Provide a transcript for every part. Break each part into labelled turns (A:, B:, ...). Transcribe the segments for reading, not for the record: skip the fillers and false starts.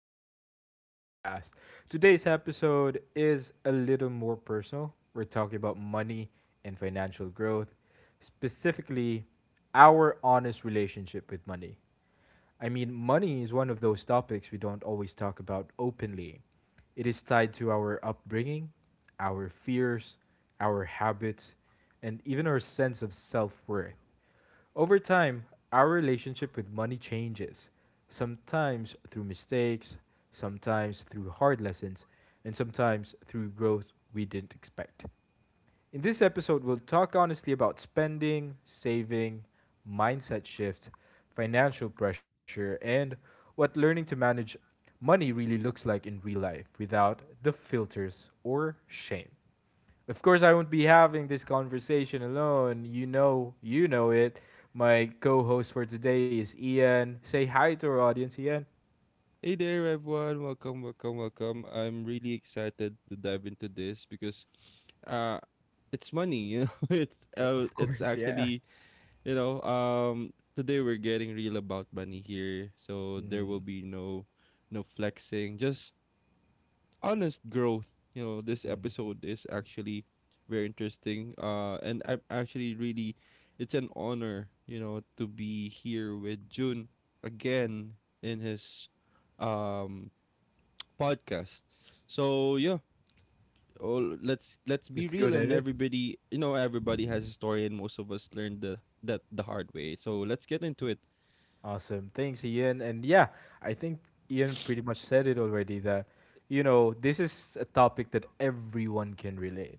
A: episode in our podcast. Today's episode is a little more personal. We're talking about money and financial growth, specifically our honest relationship with money. I mean, money is one of those topics we don't always talk about openly. It is tied to our upbringing, our fears, our habits, and even our sense of self worth. Over time, our relationship with money changes, sometimes through mistakes, sometimes through hard lessons, and sometimes through growth we didn't expect. In this episode, we'll talk honestly about spending, saving, mindset shifts, financial pressure, and what learning to manage money really looks like in real life without the filters or shame. Of course, I won't be having this conversation alone. You know it. My co-host for today is Ian. Say hi to our audience, Ian.
B: Hey there, everyone. Welcome, welcome, welcome. I'm really excited to dive into this because uh it's money, you know.
A: Of
B: It's
A: course, yeah.
B: actually, you know, Today we're getting real about money here. So
A: Mm-hmm.
B: there will be no flexing, just honest growth. You know, this episode is actually very interesting. And I'm actually really it's an honor, you know, to be here with June again in his um podcast. So yeah, oh, let's be
A: Let's go,
B: real, and
A: David.
B: everybody, you know, everybody has a story, and most of us learned the that the hard way. So let's get into it.
A: Awesome. Thanks, Ian. And yeah, I think Ian pretty much said it already that, you know, this is a topic that everyone can relate,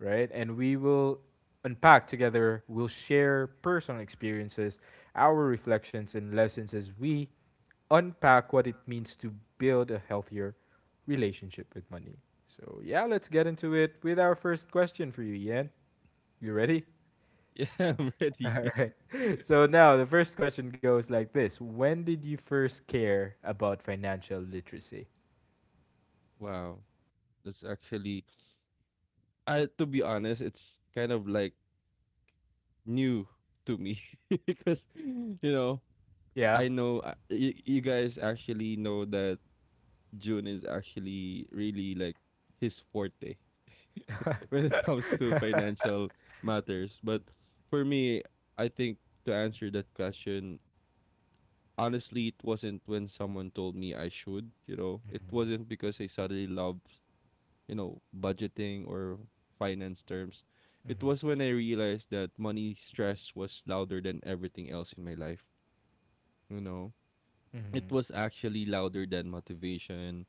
A: right? And we will unpack together, we'll share personal experiences, our reflections and lessons as we unpack what it means to build a healthier relationship with money. So, yeah, let's get into it with our first question for you, Ian. You ready?
B: Yeah, I'm ready.
A: All right. So, now the first question goes like this: when did you first care about financial literacy?
B: Wow, that's actually I to be honest, it's kind of like new to me. Because you know,
A: Yeah.
B: I know, you, you guys actually know that June is actually really like his forte. When it comes to financial matters. But for me, I think to answer that question, honestly, it wasn't when someone told me I should, you know, it wasn't because I suddenly loved, budgeting or finance terms. It
A: Mm-hmm.
B: was when I realized that money stress was louder than everything else in my life, you know. It
A: Mm-hmm.
B: was actually louder than motivation,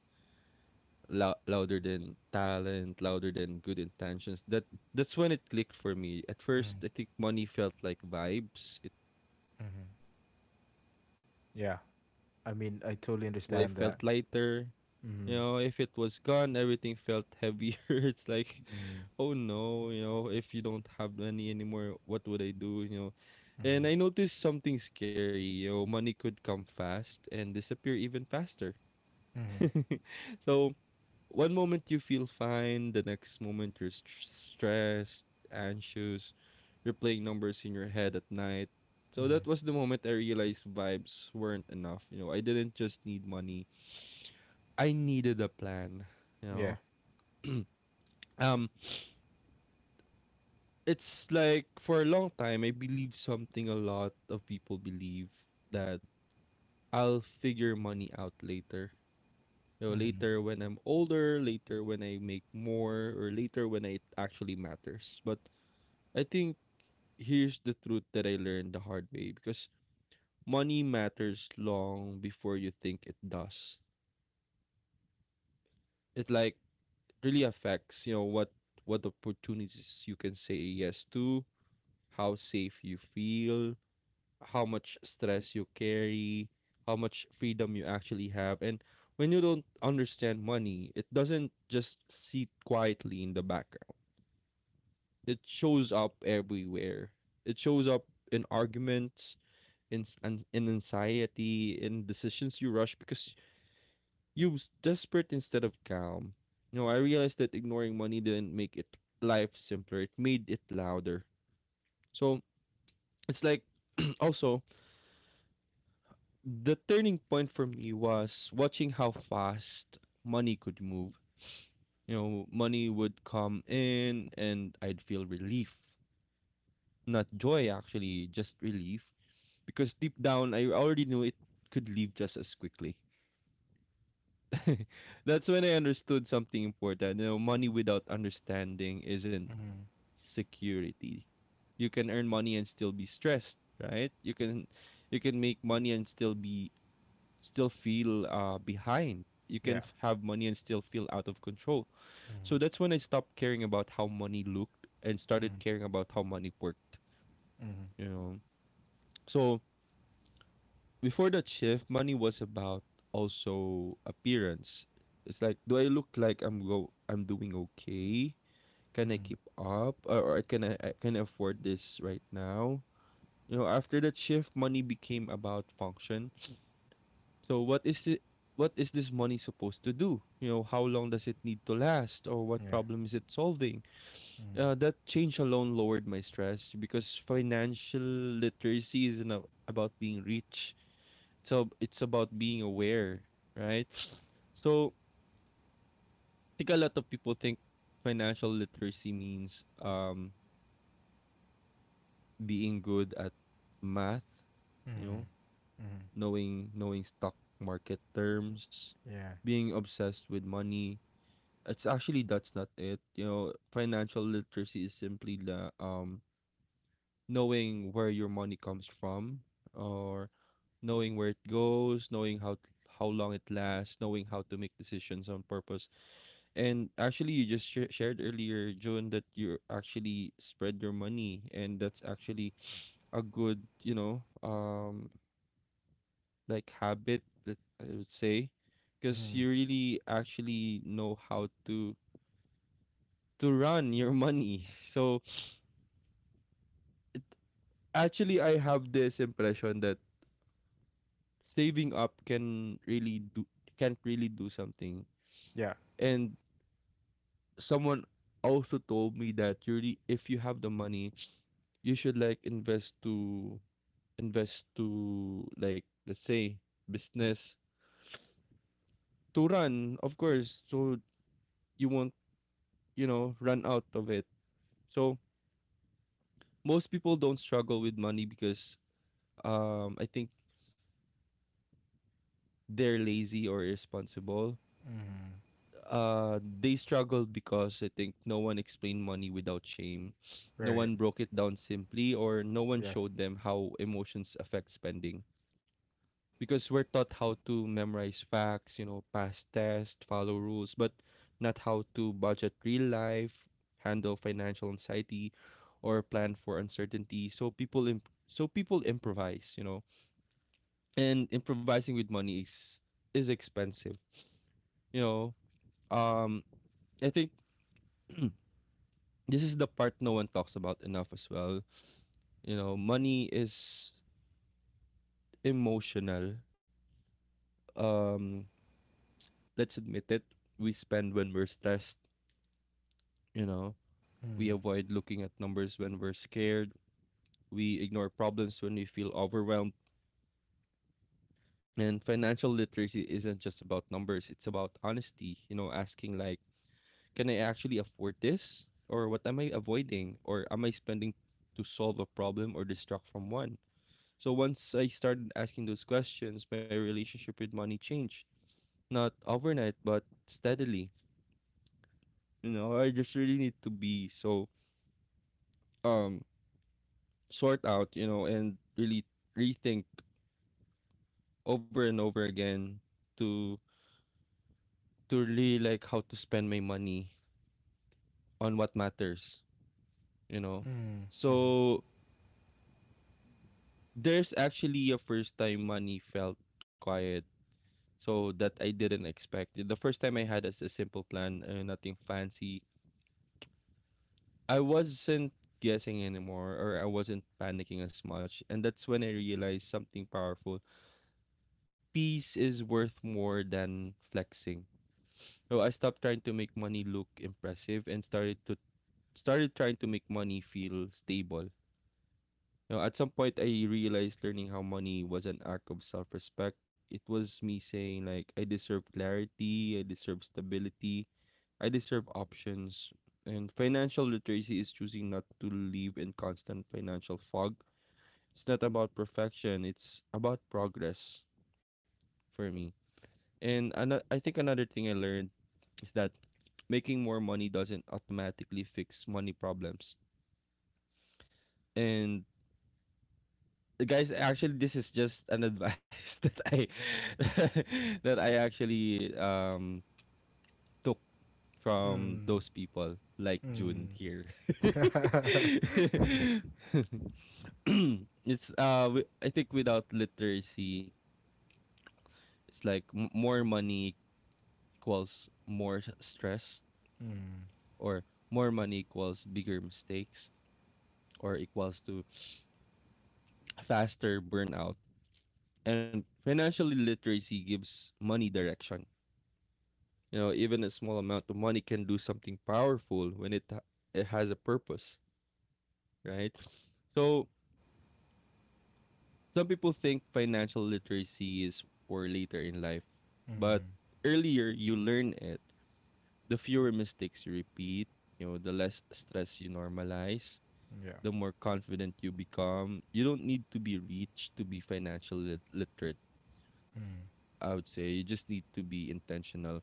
B: louder than talent, louder than good intentions. That's when it clicked for me. At first,
A: Mm-hmm.
B: I think money felt like vibes.
A: Mm-hmm.
B: If it was, you know, if it was
A: Yeah.
B: there,
A: I mean, I totally
B: life felt
A: understand that.
B: lighter. You
A: Mm-hmm.
B: know, if it was gone, everything felt heavier. It's like,
A: Mm-hmm.
B: oh no, you know, if you don't have money anymore, what would I do? You know,
A: Mm-hmm.
B: and I noticed something scary. You know, money could come fast and disappear even faster.
A: Mm-hmm.
B: So one moment you feel fine, the next moment you're stressed, anxious, you're playing numbers in your head at night. So
A: Mm-hmm.
B: that was the moment I realized vibes weren't enough. You know, I didn't just need money. I needed a plan, you
A: Yeah.
B: know. um it's like for a long time I believe something a lot of people believe, that I'll figure money out later. You know,
A: Mm-hmm.
B: later when I'm older, later when I make more, or later when it actually matters. But I think here's the truth that I learned the hard way, because money matters long before you think it does. It like really affects, you know, what opportunities you can say yes to, how safe you feel, how much stress you carry, how much freedom you actually have. And when you don't understand money, it doesn't just sit quietly in the background. It shows up everywhere. It shows up in arguments, in anxiety, in decisions you rush because you was desperate instead of calm. You know, I realized that ignoring money didn't make it life simpler; it made it louder. So it's like also the turning point for me was watching how fast money could move. You know, money would come in and I'd feel relief. Not joy, actually, just relief. Because deep down, I already knew it could leave just as quickly. That's when I understood something important. You know, money without understanding isn't security. You can earn money and still be stressed, right? You can make money and still be still feel behind. You can
A: Yeah.
B: have money and still feel out of control.
A: Mm-hmm.
B: So that's when I stopped caring about how money looked and started
A: Mm-hmm.
B: caring about how money worked,
A: Mm-hmm.
B: you know. So before that shift, money was about also appearance. It's like, do I look like I'm doing okay? Can I
A: Mm-hmm.
B: keep up? Or I can I afford this right now? You know, after that shift, money became about function. So what is it? What is this money supposed to do? You know, how long does it need to last, or what
A: Yeah.
B: problem is it solving?
A: Mm-hmm.
B: That change alone lowered my stress, because financial literacy isn't about being rich, so it's about being aware, right? So I think a lot of people think financial literacy means being good at math, you
A: Mm.
B: know, knowing stock market terms,
A: Yeah.
B: being obsessed with money. It's actually that's not it. You know, financial literacy is simply the, knowing where your money comes from, or knowing where it goes, knowing how long it lasts, knowing how to make decisions on purpose. And actually, you just shared earlier, Joan, that you actually spread your money, and that's actually a good, you know, like habit that I would say, because
A: Mm-hmm.
B: you really actually know how to run your money. So it, actually, I have this impression that saving up can't really do something.
A: Yeah.
B: And someone also told me that you really, if you have the money, you should like invest to, like, let's say business to run, of course, so you won't, you know, run out of it. So most people don't struggle with money because, I think, they're lazy or irresponsible. They struggle because I think no one explained money without shame, no
A: Right.
B: one broke it down simply, or no one
A: Yeah.
B: showed them how emotions affect spending, because we're taught how to memorize facts, you know, pass tests, follow rules, but not how to budget real life, handle financial anxiety, or plan for uncertainty. So so people improvise, you know, and improvising with money is expensive, you know. Um, I think this is the part no one talks about enough as well. You know, money is emotional. Um, let's admit it. We spend when we're stressed. You know, we
A: Mm.
B: avoid looking at numbers when we're scared. We ignore problems when we feel overwhelmed. And financial literacy isn't just about numbers, it's about honesty, you know, asking like, can I actually afford this? Or what am I avoiding? Or am I spending to solve a problem or distract from one? So once I started asking those questions, my relationship with money changed. Not overnight, but steadily. You know, I just really need to be so um sort out, you know, and really rethink, over and over again, to to really like how to spend my money on what matters, you know.
A: Mm.
B: So there's actually a first time money felt quiet. So that I didn't expect. The first time I had as a simple plan and nothing fancy. I wasn't guessing anymore, or I wasn't panicking as much. And that's when I realized something powerful. Peace is worth more than flexing. So I stopped trying to make money look impressive and started trying to make money feel stable. You know, at some point, I realized learning how money was an act of self respect. It was me saying, like, I deserve clarity, I deserve stability, I deserve options. And financial literacy is choosing not to live in constant financial fog. It's not about perfection, it's about progress, for me. And I think another thing I learned is that making more money doesn't automatically fix money problems. And guys, actually, this is just an advice that I that I actually took from
A: Mm.
B: those people like June
A: Mm.
B: here. It's I think without literacy, it's like more money equals more stress, or more money equals bigger mistakes, or equals to faster burnout. And financial literacy gives money direction. You know, even a small amount of money can do something powerful when it has a purpose, right? So some people think financial literacy is for later in life, but earlier you learn it, the fewer mistakes you repeat, you know, the less stress you normalize,
A: yeah.
B: the more confident you become. You don't need to be rich to be financially literate,
A: Mm.
B: I would say. You just need to be intentional.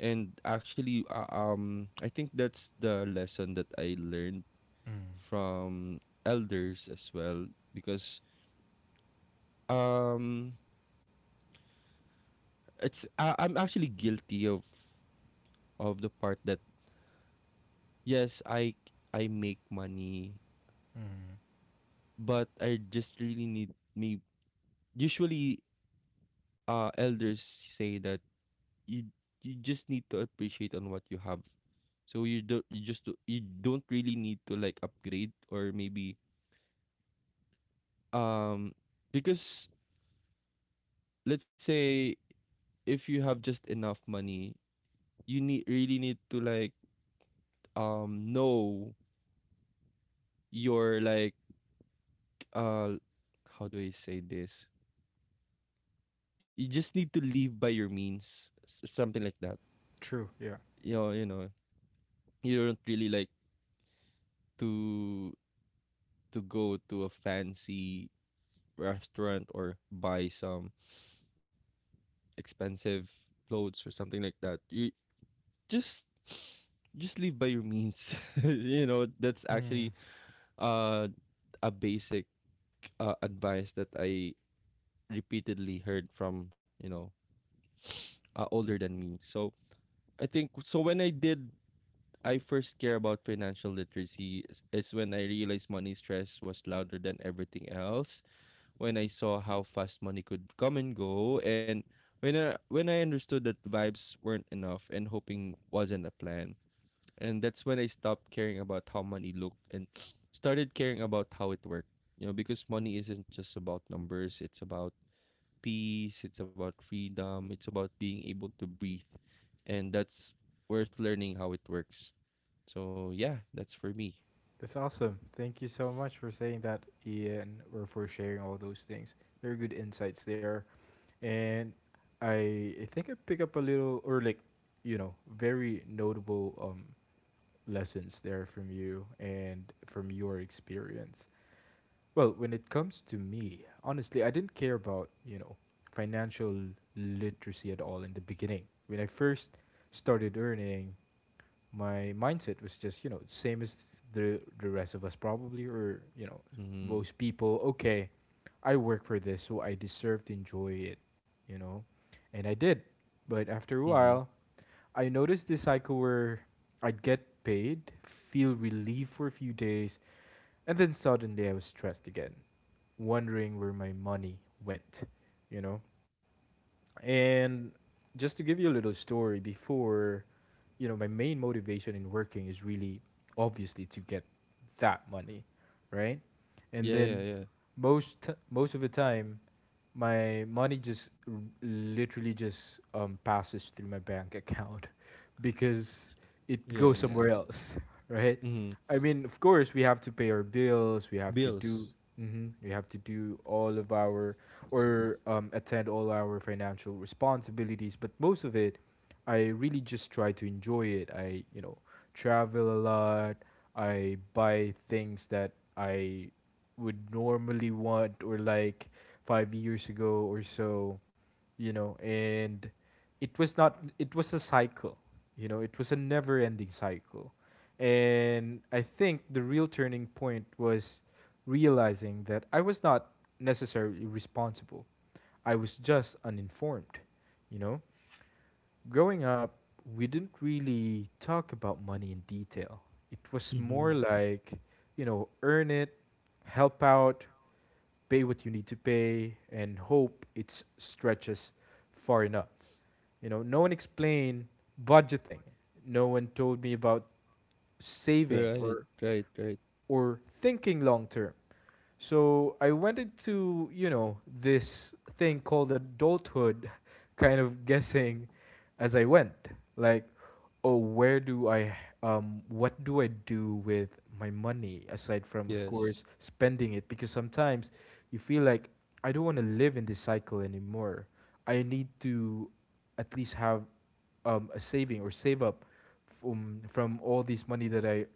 B: And actually, I think that's the lesson that I learned
A: Mm.
B: from elders as well, because um it's I'm actually guilty of the part that, yes, I make money, but I just really need me. Usually, elders say that you you just need to appreciate on what you have, so you just do, you don't really need to like upgrade or maybe, um because, let's say, if you have just enough money, you need really need to like, know your like, uh how do I say this? You just need to live by your means, something like that.
A: True. Yeah.
B: You know, you know, you don't really like to to go to a fancy restaurant or buy some expensive clothes or something like that. You just just live by your means. You know, that's actually
A: Mm.
B: uh a basic, advice that I repeatedly heard from, you know, older than me. So when I first care about financial literacy is when I realized money stress was louder than everything else. When I saw how fast money could come and go, and when I understood that vibes weren't enough and hoping wasn't a plan, and that's when I stopped caring about how money looked and started caring about how it worked. You know, because money isn't just about numbers; it's about peace, it's about freedom, it's about being able to breathe. And that's worth learning how it works. So yeah, that's for me.
A: That's awesome. Thank you so much for saying that, Ian, or for sharing all those things. Very good insights there. And I think I pick up a little, or like, you know, very notable lessons there from you and from your experience. Well, when it comes to me, honestly, I didn't care about, you know, financial literacy at all in the beginning. When I first started earning, my mindset was just, you know, same as the rest of us probably or, you know,
B: Mm-hmm.
A: most people, okay, I work for this, so I deserve to enjoy it, you know? And I did. But after a
B: Mm-hmm.
A: while, I noticed this cycle where I'd get paid, feel relief for a few days, and then suddenly I was stressed again wondering where my money went, you know? And just to give you a little story before, you know, my main motivation in working is really obviously to get that money, right? And
B: Yeah,
A: then
B: yeah, yeah.
A: most of the time my money just literally just passes through my bank account because it goes
B: Yeah,
A: somewhere
B: yeah.
A: else, right?
B: Mm-hmm.
A: I mean, of course, we have to pay our bills. We have to do,
B: Bills.
A: hmm we have to do all of our or attend all our financial responsibilities. But most of it, I really just try to enjoy it. I, you know, travel a lot. I buy things that I would normally want or like five years ago or so, you know, and it was not, it was a cycle, you know, it was a never ending cycle. And I think the real turning point was realizing that I was not necessarily responsible, I was just uninformed, you know. Growing up, we didn't really talk about money in detail. It was more
B: Mm-hmm.
A: like, you know, earn it, help out, pay what you need to pay, and hope it stretches far enough. You know, no one explained budgeting. No one told me about saving or
B: Right, right, right.
A: thinking long term. So I went into, you know, this thing called adulthood, kind of guessing as I went. Like, oh, where do I, what do I do with my money aside from, of course,
B: Yes.
A: spending it? Because sometimes you feel like I don't want to live in this cycle anymore. I need to at least have a saving or save up from all this money that I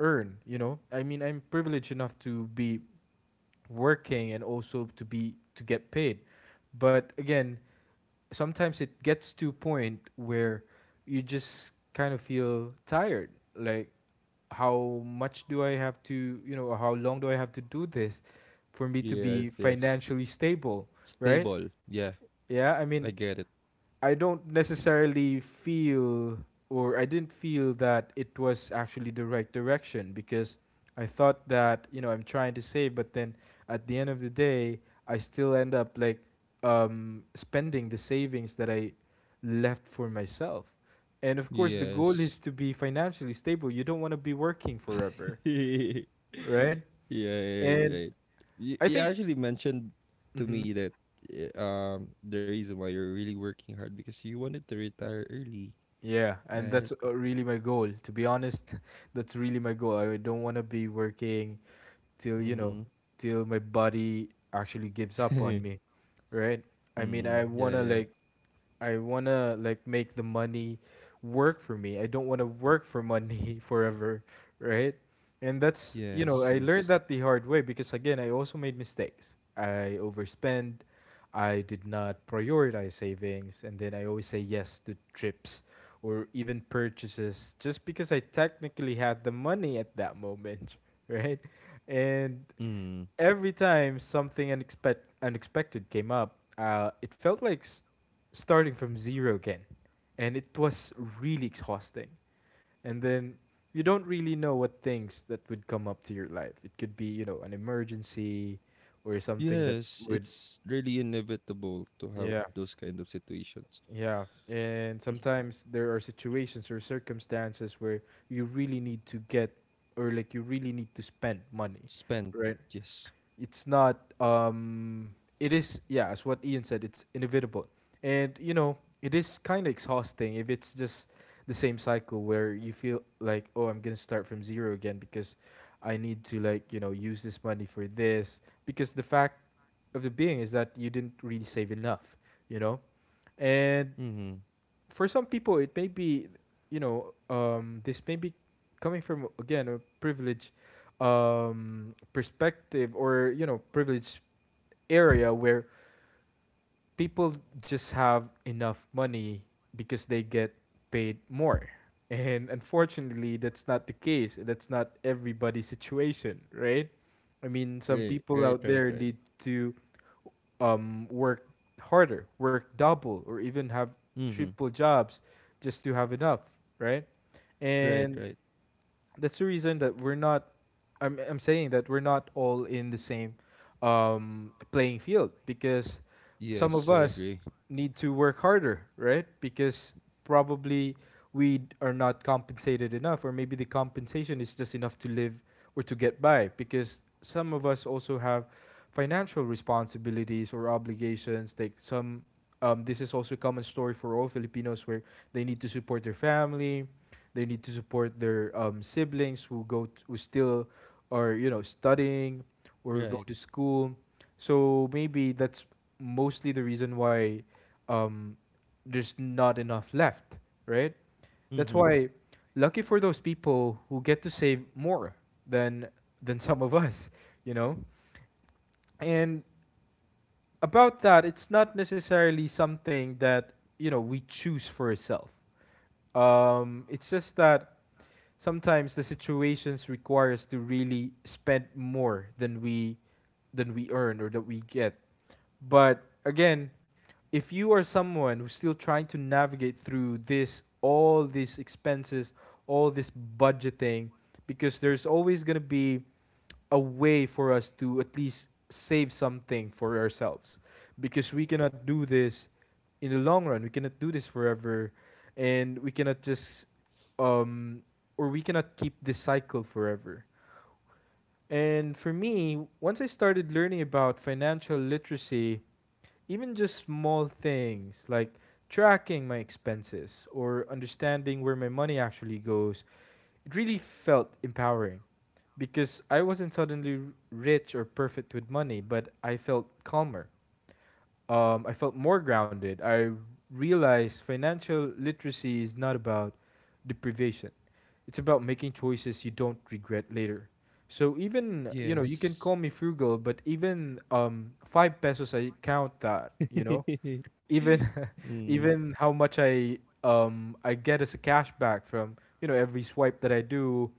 A: earn, you know? I mean, I'm privileged enough to be working and also to be to get paid. But again, sometimes it gets to a point where you just kind of feel tired. Like, how much do I have to, you know, how long do I have to do this for me to
B: Yes,
A: be
B: yes.
A: financially stable, right?
B: Stable. Yeah,
A: Yeah, I
B: I
A: mean,
B: get it.
A: I don't necessarily feel or I didn't feel that it was actually the right direction because I thought that, you know, I'm trying to save, but then at the end of the day, I still end up like spending the savings that I left for myself. And of course, the goal
B: Yes.
A: is to be financially stable. You don't want to be working forever,
B: yeah,
A: right?
B: right,
A: And
B: right. You,
A: I
B: you
A: think.
B: actually mentioned to
A: Mhm.
B: me that the reason why you're really working hard because you wanted to retire early,
A: Yeah, and
B: right?
A: that's really my goal. To be honest, that's really my goal. I don't want to be working till, you
B: Mm-hmm.
A: know, till my body actually gives up on me, right? I mean, I
B: Yeah,
A: want to
B: yeah.
A: like I want to like make the money work for me. I don't want to work for money forever, right? And that's, you
B: Yes,
A: know, I learned
B: yes.
A: that the hard way because again, I also made mistakes. I overspend, I did not prioritize savings, and then I always say yes to trips or even purchases just because I technically had the money at that moment, right? And
B: Mm.
A: every time something unexpected came up, it felt like starting from zero again. And it was really exhausting. And then you don't really know what things that would come up to your life. It could be, you know, an emergency or something that
B: Yes,
A: would,
B: it's really inevitable to
A: yeah,
B: have those kind of situations.
A: yeah. And
B: Mm.
A: sometimes there are situations or circumstances where you really need to get or like you really need to spend money,
B: Spend,
A: right?
B: yes.
A: It's not it is yeah as what Ian said it's inevitable and you know it is kind of exhausting if it's just the same cycle where you feel like oh I'm gonna start from zero again because I need to like you know use this money for this because the fact of the being is that you didn't really save enough you know and
B: Mm-hmm.
A: for some people it may be you know this may be coming from again a privilege perspective or you know privileged area where people just have enough money because they get paid more. And unfortunately, that's not the case. That's not everybody's situation, right? I mean, some
B: Right,
A: people
B: right,
A: out
B: right,
A: there
B: right.
A: need to work harder, work double, or even have
B: Mm-hmm.
A: triple jobs just to have enough, right?
B: Right,
A: And
B: right.
A: that's the reason that we're not I'm saying that we're not all in the same playing field because some of
B: Yes, I
A: us
B: agree.
A: need to work harder, right? Because probably are not compensated enough or maybe the compensation is just enough to live or to get by because some of us also have financial responsibilities or obligations like some this is also a common story for all Filipinos where they need to support their family they need to support their siblings who who still are you know studying or go to
B: Right.
A: school. So maybe that's mostly the reason why um, there's not enough left, right? That's
B: Mm-hmm.
A: why lucky for those people who get to save more than than some of us, you know. And about that, it's not necessarily something that you know we choose for ourselves. It's just that sometimes the situations require us to really spend more than we earn or that we get. But again, if you are someone who's still trying to navigate through this all these expenses, all this budgeting because there's always going to be a way for us to at least save something for ourselves because we
B: Yeah, yeah.
A: cannot do this in the long run. We cannot do this forever, and we cannot just um or we cannot keep this cycle forever. And for me, once I started learning about financial literacy, even just small things like tracking my expenses or understanding where my money actually goes, it really felt empowering because I wasn't suddenly rich or perfect with money, but I felt calmer I felt more grounded. I realized financial literacy is not about deprivation. It's about making choices you don't regret later. So even you know you can
B: Yes.
A: call me frugal, but even five pesos I count that you know even
B: Mm.
A: even how much I get as a cashback from you know every swipe that I do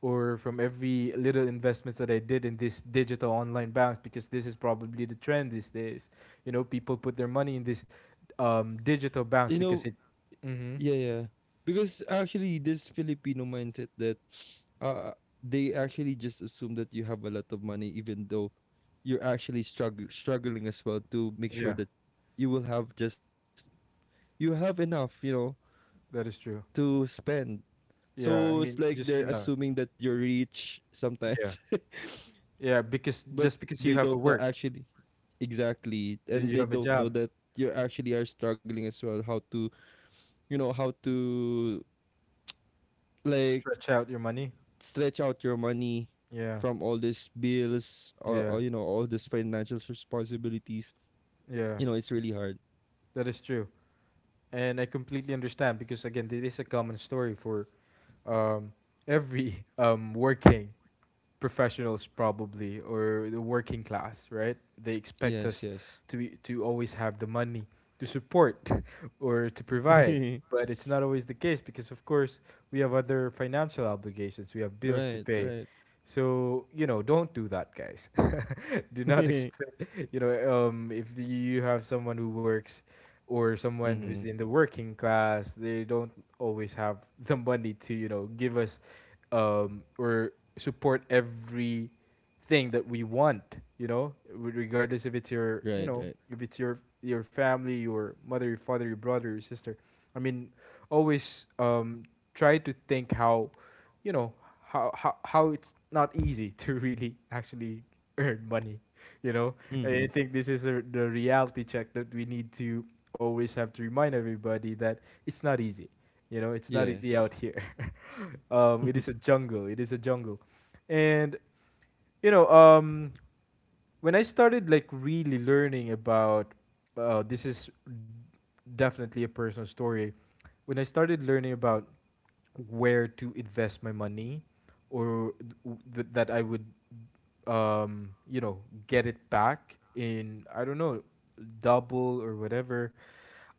A: or from every little investments that I did in this digital online banks because this is probably the trend these days. You know, people put their money in this digital banks
B: You
A: because
B: know,
A: it. Mm-hmm.
B: yeah, yeah. Because actually, this Filipino mindset that uh, they actually just assume that you have a lot of money, even though you're actually struggling as well to make sure
A: Yeah,
B: that you will have just you have enough, you know,
A: that is true.
B: to spend. So
A: Yeah,
B: it's
A: I
B: like
A: mean,
B: they're assuming that you're rich sometimes.
A: yeah, yeah, because
B: But
A: just because you
B: they
A: have a
B: don't know
A: work,
B: actually exactly and
A: you
B: they
A: have a
B: don't know
A: job,
B: that you actually are struggling as well how to you know how to like
A: stretch out your money.
B: stretch out your money
A: Yeah,
B: from all these bills or,
A: yeah,
B: or you know all these financial responsibilities,
A: yeah,
B: you know it's really hard.
A: that is true, and I completely understand because again, this is a common story for um, every working professionals probably or the working class, right? They expect
B: Yes,
A: us
B: yes.
A: to always have the money to support or to provide, but it's not always the case because of course we have other financial obligations, we have bills to
B: right,
A: pay.
B: right.
A: So, don't do that, guys. Do not expect if you have someone who works or someone
B: Mm-hmm.
A: who's in the working class, they don't always have the money to give us or support every thing that we want,
B: Right,
A: regardless if
B: right.
A: it's your if it's your family, your mother, your father, your brother, your sister. I mean, always try to think how, you know how, how it's not easy to really actually earn money, you know,
B: Mm-hmm.
A: I think this is a, the reality check that we need to always have to remind everybody that it's not easy. You know, it's not easy
B: Yes.
A: out here. It is a jungle. It is a jungle, and you know, um, when I started like really learning about, this is definitely a personal story. When I started learning about where to invest my money, or that I would, um, you know, get it back in, I don't know, double or whatever.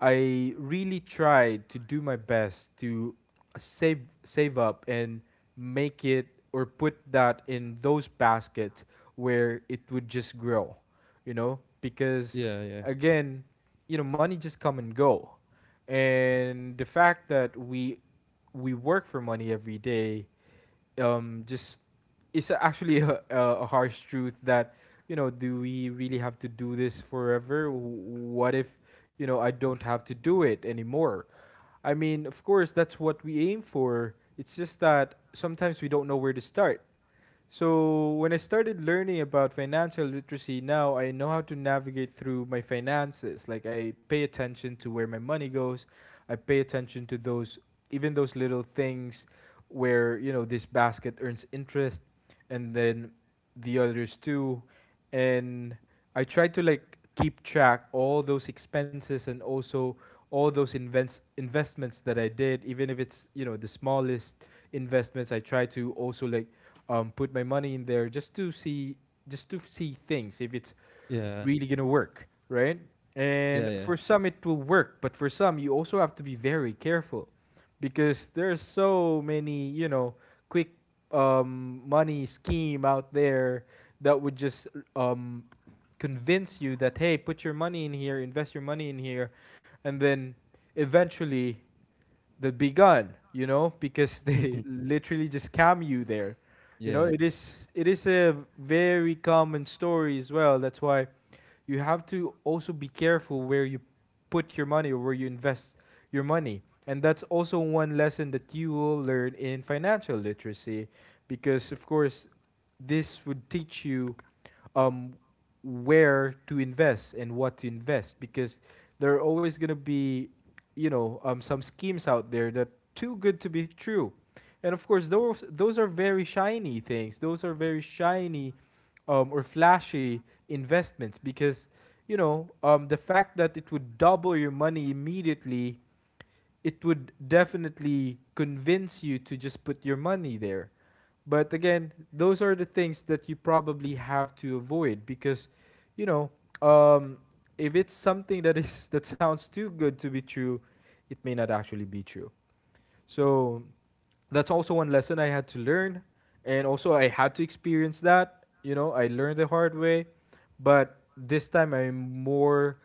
A: I really tried to do my best to save up and make it or put that in those baskets where it would just grow, you know, because
B: yeah, yeah,
A: again, you know, money just come and go. And the fact that we work for money every day, just it's actually a harsh truth that, you know, do we really have to do this forever? What if, you know, I don't have to do it anymore? I mean, of course, that's what we aim for. It's just that sometimes we don't know where to start. So when I started learning about financial literacy, now I know how to navigate through my finances. Like I pay attention to where my money goes. I pay attention to those, even those little things where, you know, this basket earns interest, and then the others too. And I try to like keep track all those expenses and also all those invents investments that I did, even if it's, you know, the smallest investments, I try to also like put my money in there just to see, just to see things if it's
B: yeah,
A: really gonna work, right?
B: yeah.
A: And
B: Yeah.
A: for some it will work, but for some you also have to be very careful because there's so many, you know, quick money scheme out there that would just um, convince you that, hey, put your money in here, invest your money in here, and then eventually that begun, you know, because they literally just scam you there. You know, it
B: Yes.
A: is, it is a very common story as well. That's why you have to also be careful where you put your money or where you invest your money. And that's also one lesson that you will learn in financial literacy, because, of course, this would teach you, um, where to invest and what to invest, because there are always going to be, you know, some schemes out there that too good to be true. And of course, those are very shiny things. Those are very shiny or flashy investments, because, you know, the fact that it would double your money immediately, it would definitely convince you to just put your money there. But again, those are the things that you probably have to avoid because, you know, um, if it's something that is that sounds too good to be true, it may not actually be true. So that's also one lesson I had to learn, and also I had to experience that. You know, I learned the hard way, but this time I'm more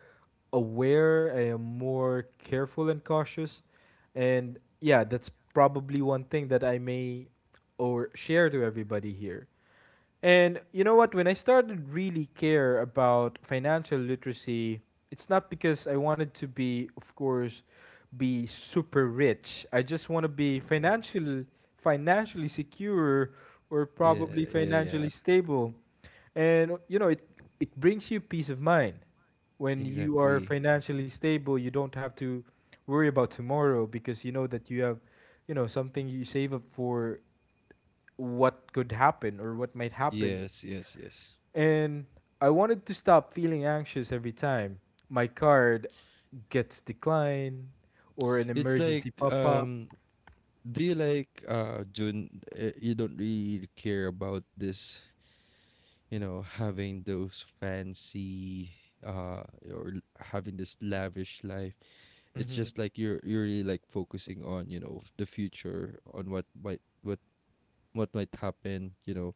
A: aware. I am more careful and cautious, and yeah, that's probably one thing that I may or share to everybody here. And you know what? When I started really care about financial literacy, it's not because I wanted to be, of course, be super rich. I just want to be financial, financially secure, or
B: Yeah,
A: probably
B: yeah, yeah.
A: financially stable. And you know, it brings you peace of mind. When you are
B: Exactly.
A: financially stable, you don't have to worry about tomorrow because you know that you have, you know, something you save up for what could happen or what might happen.
B: Yes, yes, yes.
A: And I wanted to stop feeling anxious every time my card gets declined or an
B: It's like,
A: emergency pop up.
B: um, do you like June? You don't really care about this, you know, having those fancy uh having this lavish life. It's
A: Hmm.
B: just like you're really like focusing on, you know, the future, on what might happen, you know,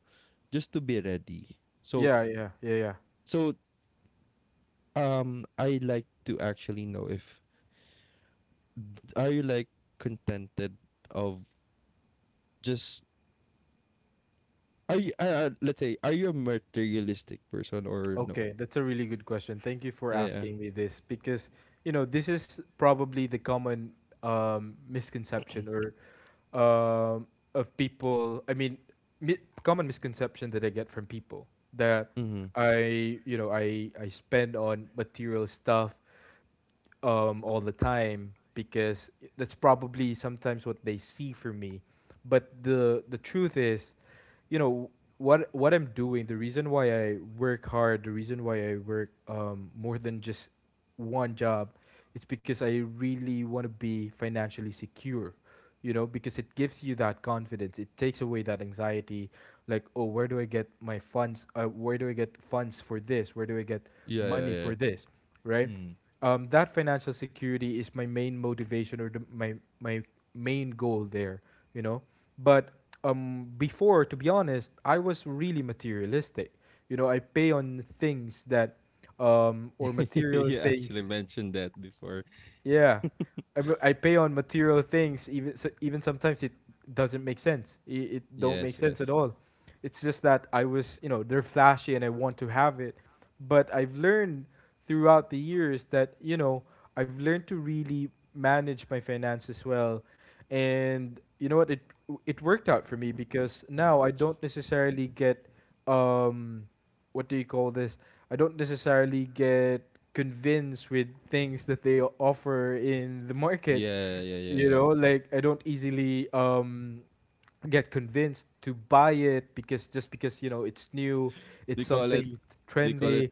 B: just to be ready. So
A: Yeah, yeah, yeah, yeah.
B: so I like to actually know if are you like contented of just. Are you, let's say, are you a materialistic person or no?
A: Okay, that's a really good question. Thank you for
B: Yeah, yeah.
A: asking me this because, you know, this is probably the common misconception or um, of people. I mean, common misconception that I get from people that
B: Hmm.
A: I, you know, I spend on material stuff all the time, because that's probably sometimes what they see for me. But the truth is, you know, what I'm doing, the reason why I work hard, the reason why I work more than just one job, it's because I really want to be financially secure. You know, because it gives you that confidence. It takes away that anxiety, like, oh, where do I get my funds? Where do I get funds for this? Where do I get
B: Yeah, yeah,
A: money
B: yeah.
A: for this? Right?
B: Mm.
A: That financial security is my main motivation or the, my my main goal there. You know, but before, to be honest, I was really materialistic, you know, I pay on things that, or material
B: you actually
A: things.
B: mentioned that before.
A: Yeah, I, I pay on material things. Even so, even sometimes it doesn't make sense. It don't
B: Yes,
A: make
B: yes.
A: sense at all. It's just that I was, you know, they're flashy and I want to have it. But I've learned throughout the years that, you know, I've learned to really manage my finances well, and you know what, it worked out for me because now I don't necessarily get, um what do you call this, I don't necessarily get convinced with things that they offer in the market.
B: Yeah, yeah, yeah,
A: You
B: yeah.
A: know, like I don't easily get convinced to buy it, because just because you know it's new, it's
B: They call it,
A: something
B: they call it,
A: trendy.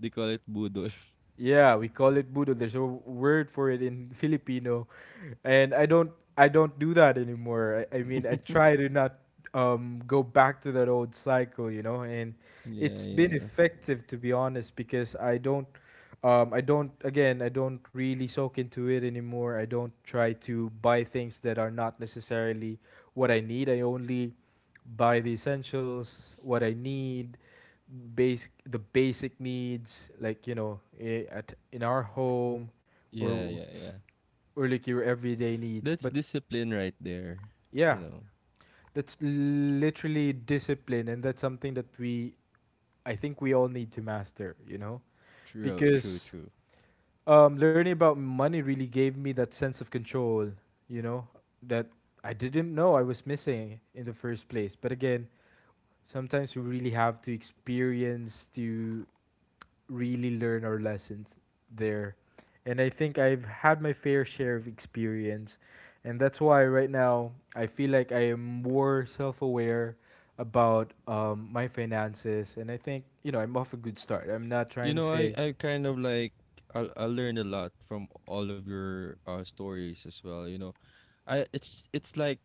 B: they call it budol.
A: Yeah, we call it budo. There's a word for it in Filipino, and I don't, I don't do that anymore. I mean, I try to not go back to that old cycle, you know. And
B: Yeah,
A: it's been
B: yeah.
A: effective, to be honest, because I don't, I don't again, I don't really soak into it anymore. I don't try to buy things that are not necessarily what I need. I only buy the essentials, what I need, basic the basic needs, like, you know, at in our home,
B: Yeah,
A: or
B: yeah, yeah.
A: or like your everyday needs.
B: That's
A: But
B: discipline right there. You
A: yeah,
B: know,
A: that's literally discipline, and that's something that we, I think, we all need to master. You know,
B: true, true,
A: because
B: true.
A: learning about money really gave me that sense of control. You know, that I didn't know I was missing in the first place. But again, sometimes we really have to experience to really learn our lessons there. And I think I've had my fair share of experience. And that's why right now I feel like I am more self aware about my finances. And I think, you know, I'm off a good start. I'm not
B: You
A: trying to
B: know, I,
A: say.
B: I kind of like, I learned a lot from all of your stories as well. You know, I it's like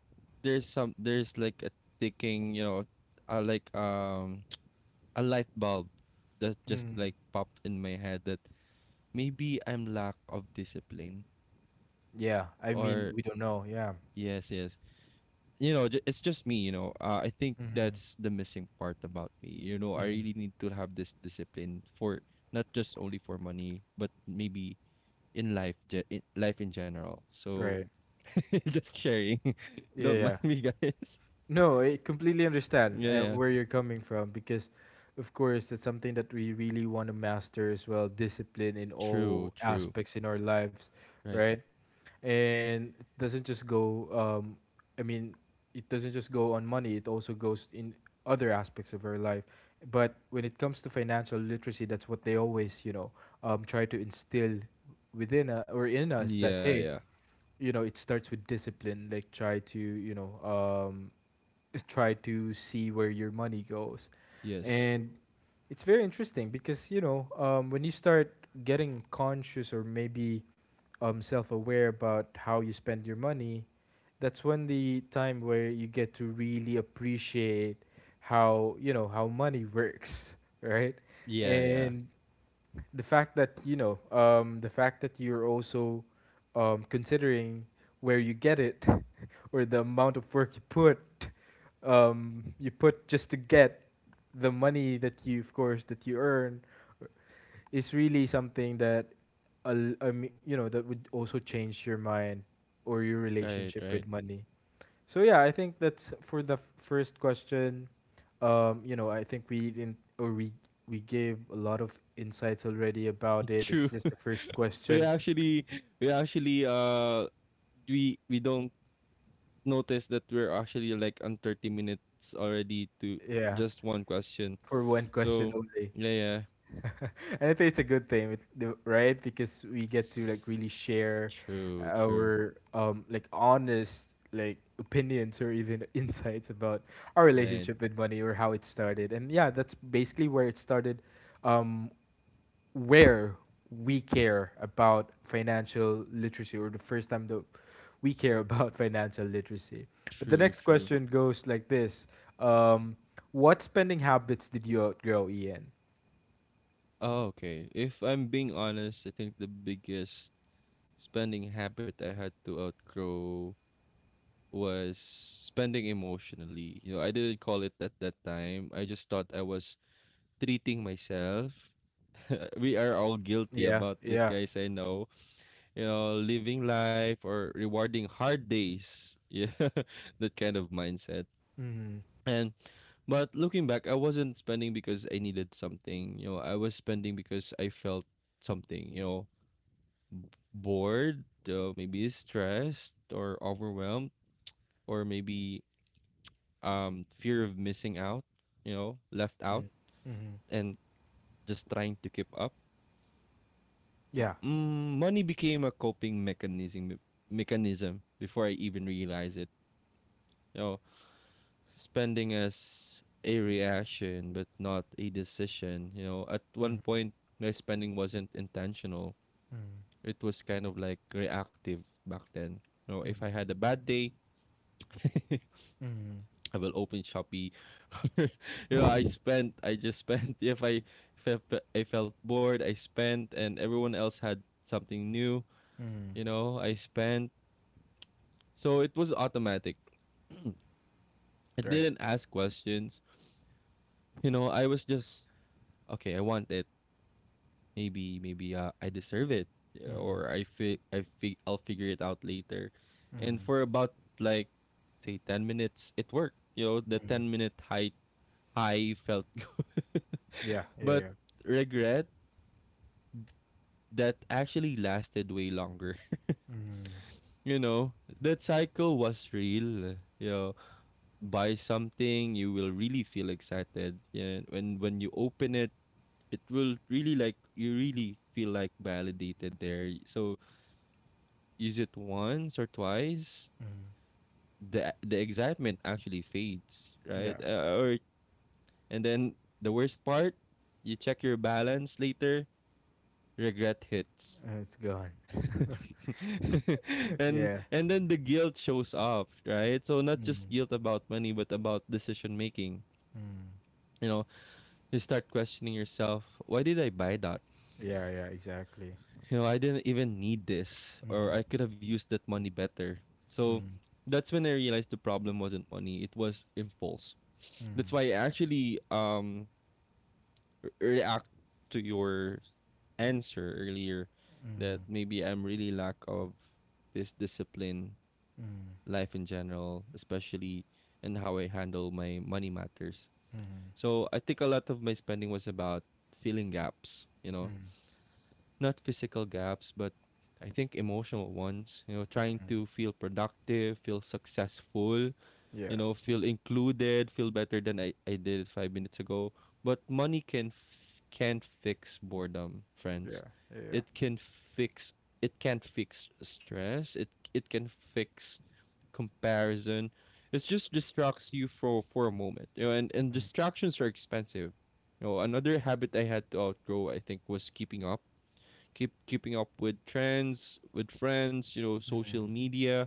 B: there's some there's like a ticking, you know, like a light bulb that just
A: Mm,
B: like popped in my head that maybe I'm lack of discipline
A: yeah, I mean,
B: or
A: we don't know. Yeah.
B: yes, yes. You know, it's just me, you know. I think
A: Hmm.
B: that's the missing part about me. You know, I
A: Hmm.
B: really need to have this discipline for not just only for money, but maybe in life in general. So
A: Right.
B: just sharing.
A: Yeah.
B: Don't
A: Yeah.
B: mind me, guys.
A: No, I completely understand
B: Yeah, yeah.
A: where you're coming from because, of course, that's something that we really want to master as well, discipline in all
B: True, true.
A: aspects in our lives,
B: Right.
A: right? And it doesn't just go, I mean, it doesn't just go on money, it also goes in other aspects of our life. But when it comes to financial literacy, that's what they always, you know, try to instill within, or in us that,
B: Yeah,
A: hey,
B: yeah.
A: you know, it starts with discipline, like try to, you know, um, try to see where your money goes.
B: Yes.
A: And it's very interesting because, you know, when you start getting conscious or maybe self aware about how you spend your money, that's when the time where you get to really appreciate how, you know, how money works, right?
B: Yeah, yeah.
A: And the fact that, the fact that you're also considering where you get it, or the amount of work you put, you put just to get the money that you, of course, that you earn is really something that that would also change your mind or your
B: Right,
A: relationship
B: right.
A: with money. So yeah, I think that's for the first question. You know, I think we didn't or we gave a lot of insights already about it. It's
B: True.
A: just the first
B: We
A: question.
B: actually we actually uh we don't notice that we're actually like on 30 minutes already to
A: Yeah,
B: just one question.
A: for one question
B: So,
A: only.
B: yeah, yeah.
A: and I think it's a good thing, with the, right? Because we get to like really share
B: True, true.
A: our like honest like opinions or even insights about our
B: Right.
A: relationship with money or how it started. And yeah, that's basically where it started. Um, where we care about financial literacy, or the first time that we care about financial literacy. But the
B: True,
A: next
B: true.
A: question goes like this: um, what spending habits did you outgrow, Ian?
B: Oh, okay. If I'm being honest, I think the biggest spending habit I had to outgrow was spending emotionally. You know, I didn't call it at that time. I just thought I was treating myself. we are all guilty
A: Yeah,
B: about this,
A: yeah.
B: guys. I know. You know, living life or rewarding hard days. Yeah, that kind of mindset.
A: Mhm.
B: And but looking back, I wasn't spending because I needed something. You know, I was spending because I felt something. You know, bored, maybe stressed or overwhelmed, or maybe fear of missing out, you know, left out,
A: Mhm. Mhm.
B: and just trying to keep up.
A: Yeah.
B: Mm, money became a coping mechanism before I even realized it. You know, spending as a reaction but not a decision. You know, at one
A: Mhm.
B: point my spending wasn't intentional.
A: Mhm.
B: It was kind of like reactive back then. You know, if I
A: Mhm.
B: had a bad day,
A: Mhm.
B: I will open Shopee. you know, I spent. I just spent. If I, fe- I felt bored, I spent, and everyone else had something new.
A: Mhm.
B: You know, I spent. So it was automatic. I
A: Right.
B: didn't ask questions. You know, I was just okay. I want it. Maybe I deserve it, yeah,
A: Mhm.
B: or I'll figure it out later. And
A: Mhm.
B: for about like say 10 minutes, it worked. You know, the
A: Mhm.
B: 10 minute high felt good.
A: Yeah. Yeah.
B: but
A: Yeah.
B: regret that actually lasted way longer.
A: Mhm.
B: You know, that cycle was real. You know, buy something, you will really feel excited. Yeah, when you open it, it will really like you really feel like validated there. So use it once or twice,
A: Mhm.
B: the excitement actually fades, right?
A: Yeah.
B: Or and then the worst part, you check your balance later, regret hits.
A: And it's gone. yeah.
B: And then the guilt shows up, right? So not just
A: Mhm.
B: guilt about money, but about decision making.
A: Mhm.
B: You know, you start questioning yourself, why did I buy that?
A: Yeah. Yeah. Exactly.
B: You know, I didn't even need this, or
A: Mhm.
B: I could have used that money better. So
A: Mhm.
B: that's when I realized the problem wasn't money, it was impulse. That's
A: Mhm.
B: why I actually react to your answer earlier that
A: Mhm.
B: maybe I'm really lack of this discipline
A: Mhm.
B: life in general, especially in how I handle my money matters.
A: Mhm.
B: So I think a lot of my spending was about filling gaps, you know,
A: Mhm.
B: not physical gaps, but I think emotional ones, you know, trying to feel productive, feel successful, you
A: Yeah.
B: know, feel included, feel better than I did 5 minutes ago. But money can't fix boredom, friends.
A: Yeah. Yeah. Yeah.
B: It can fix it can't fix stress. It can fix comparison. It just distracts you for a moment. You know, and distractions are expensive. You know, another habit I had to outgrow, I think, was keeping up. Keeping up with trends, with friends, you know,
A: Mhm.
B: social
A: Mhm.
B: media,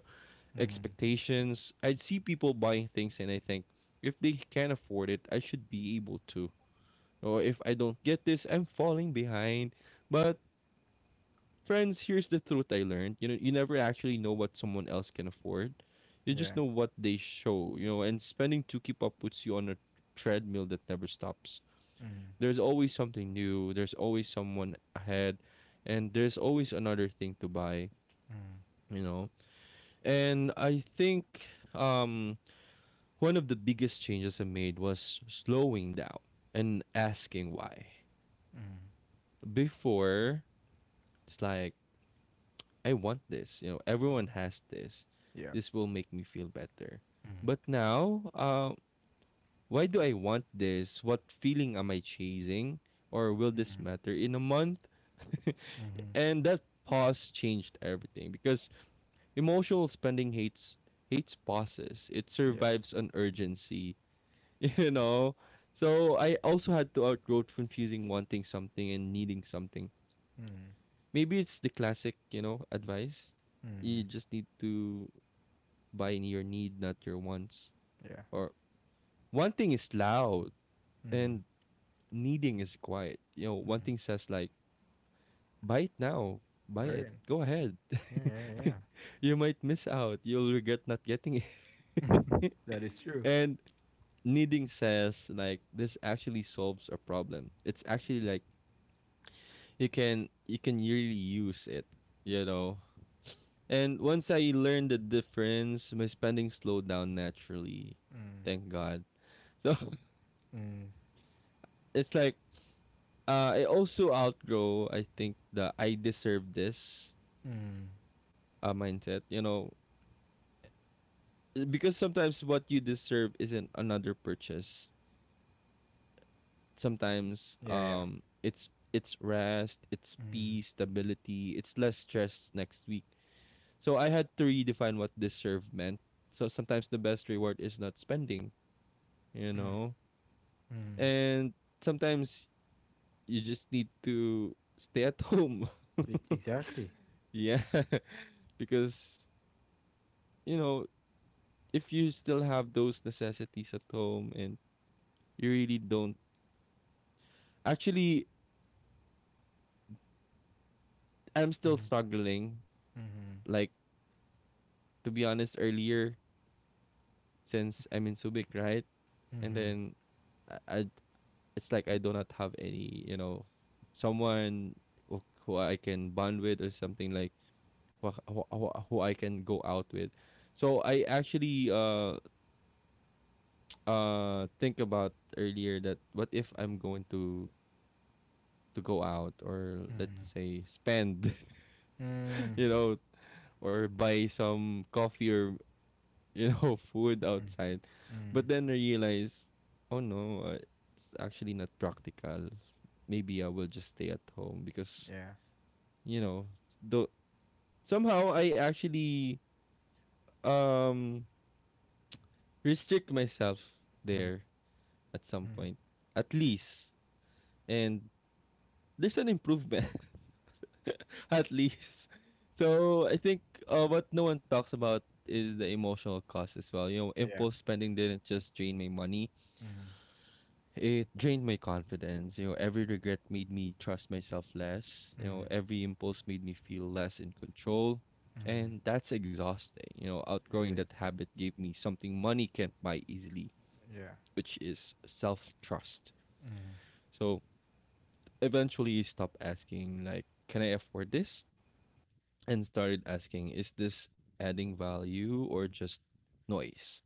A: Mhm.
B: expectations. I'd see people buying things and I think if they can afford it, I should be able to. Or if I don't get this, I'm falling behind. But friends, here's the truth I learned. You know, you never actually know what someone else can afford. You just know
A: Yeah.
B: what they show, you know, and spending to keep up puts you on a treadmill that never stops.
A: Mhm.
B: There's always something new, there's always someone ahead, and there's always another thing to buy,
A: Mhm.
B: you know. And I think um one of the biggest changes I made was slowing down and asking why.
A: Mhm.
B: Before, it's like I want this. You know, everyone has this.
A: Yeah.
B: This will make me feel better.
A: Mhm.
B: But now, why do I want this? What feeling am I chasing? Or will this
A: Mhm.
B: matter in a month?
A: Mhm.
B: and that pause changed everything because emotional spending hates pauses. It
A: Yeah.
B: survives on urgency, you know. So I also had to outgrow confusing wanting something and needing something.
A: Mm,
B: Maybe it's the classic, you know, advice. You
A: mm,
B: just need to buying your need, not your wants.
A: yeah.
B: Or wanting is loud
A: Mm,
B: and needing is quiet. You know,
A: mm.
B: wanting says like, buy it now, buy it,
A: Right.
B: go ahead.
A: Yeah, yeah, yeah.
B: you might miss out. You'll regret not getting it.
A: That is true.
B: and needing says like this actually solves a problem. It's actually like you can really use it, you know. And once I learned the difference, my spending slowed down naturally.
A: Mm,
B: Thank God. So
A: mm,
B: it's like. I also outgrow, I think, the I deserve this
A: mm.
B: mindset, you know, eh, because sometimes what you deserve isn't another purchase. Sometimes
A: Yeah, yeah.
B: it's rest, it's
A: Mm,
B: peace, stability, it's less stress next week. So I had to redefine what deserve meant. So sometimes the best reward is not spending, you
A: mm,
B: know,
A: mm.
B: and sometimes you just need to stay at home.
A: E- Exactly.
B: yeah because you know, if you still have those necessities at home and you really don't actually I'm still
A: Mm,
B: struggling
A: mm,
B: like to be honest earlier since I'm in Subic, right? And
A: mm,
B: then I it's like I do not have any, you know, someone who I can bond with or something like who I can go out with. So I actually think about earlier that what if I'm going to go out or let's
A: mm,
B: say spend
A: mm,
B: you know, or buy some coffee or, you know, food
A: mm,
B: outside.
A: mm.
B: But then I realize, oh no, it's actually not practical. Maybe I will just stay at home because,
A: Yeah.
B: you know, though somehow I actually um restrict myself
A: Mm,
B: there at some
A: mm.
B: point, at least. And there's an improvement. at least. So I think what no one talks about is the emotional cost as well. You know,
A: Yeah.
B: impulse spending didn't just drain my money;
A: Mm,
B: it drained my confidence. You know, every regret made me trust myself less. You know,
A: mm,
B: every impulse made me feel less in control,
A: mm.
B: and that's exhausting. You know,
A: It
B: outgrowing that
A: is.
B: habit gave me something money can't buy easily,
A: Yeah.
B: which is self trust.
A: Mm.
B: So eventually, you stop asking like, "Can I afford this?" and started asking, is this adding value or just noise?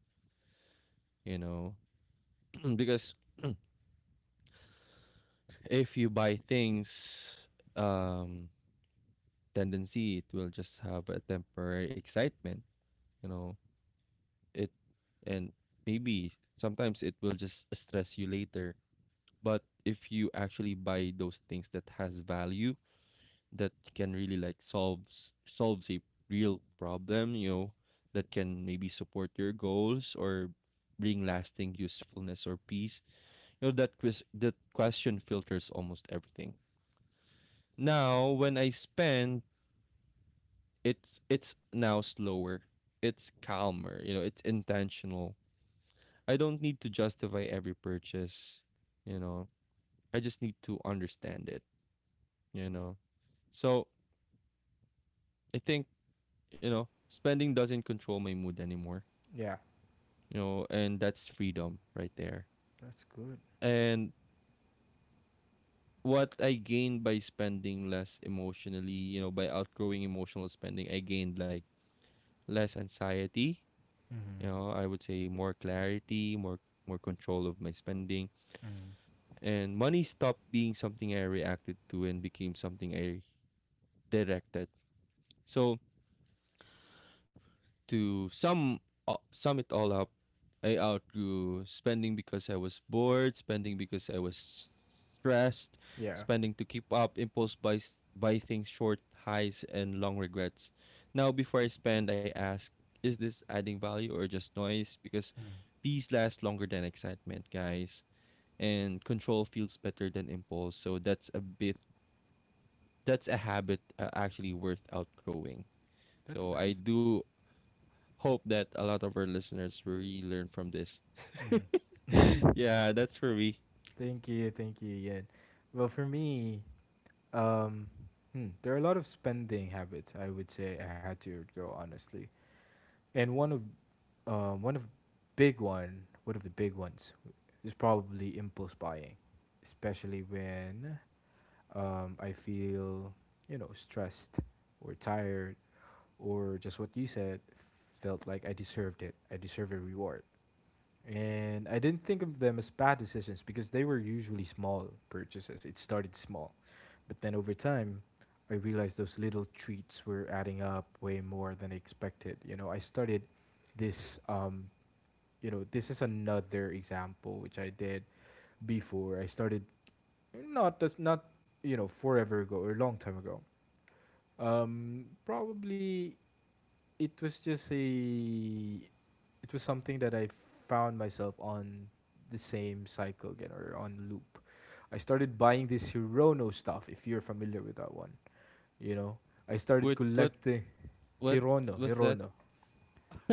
B: You know, because if you buy things, um, tendency it will just have a temporary excitement. You know, it and maybe sometimes it will just stress you later. But if you actually buy those things that has value, that can really like solves a real problem, you know, that can maybe support your goals or bring lasting usefulness or peace, you know, that quiz, that question filters almost everything. Now when I spend, it's now slower, it's calmer, you know, it's intentional. I don't need to justify every purchase, you know, I just need to understand it, you know. So I think, you know, spending doesn't control my mood anymore,
A: Yeah.
B: you know, and that's freedom right there.
A: That's good.
B: And what I gained by spending less emotionally, you know, by outgrowing emotional spending, I gained like less anxiety,
A: Mm.
B: you know, I would say more clarity, more control of my spending, and money stopped being something I reacted to and became something I directed. So To sum it all up, I outgrew spending because I was bored, spending because I was stressed,
A: Yeah.
B: spending to keep up, impulse buys, buy things, short highs and long regrets. Now, before I spend, I ask, is this adding value or just noise? Because
A: Mm.
B: peace lasts longer than excitement, guys, and control feels better than impulse. So that's a habit actually worth outgrowing.
A: That's
B: So I
A: nice.
B: do hope that a lot of our listeners really learn from this.
A: Mm.
B: Yeah, that's for me.
A: Thank you, Ian. Well, for me, um, there are a lot of spending habits I would say I had to go honestly, and uh, one of one of the big ones is probably impulse buying, especially when I feel, you know, stressed or tired, or just what you said, felt like I deserved it. I deserve a reward. And I didn't think of them as bad decisions because they were usually small purchases. It started small. But then over time, I realized those little treats were adding up way more than I expected. You know, I started this, um, you know, this is another example which I did before. I started not, just not, you know, forever ago or a long time ago. Probably it was just a it was something that I found myself on the same cycle again or on loop. I started buying this Hirono stuff, if you're familiar with that one. You know, I started
B: What what
A: collecting
B: what
A: Hirono.
B: what's that?
A: Hirono.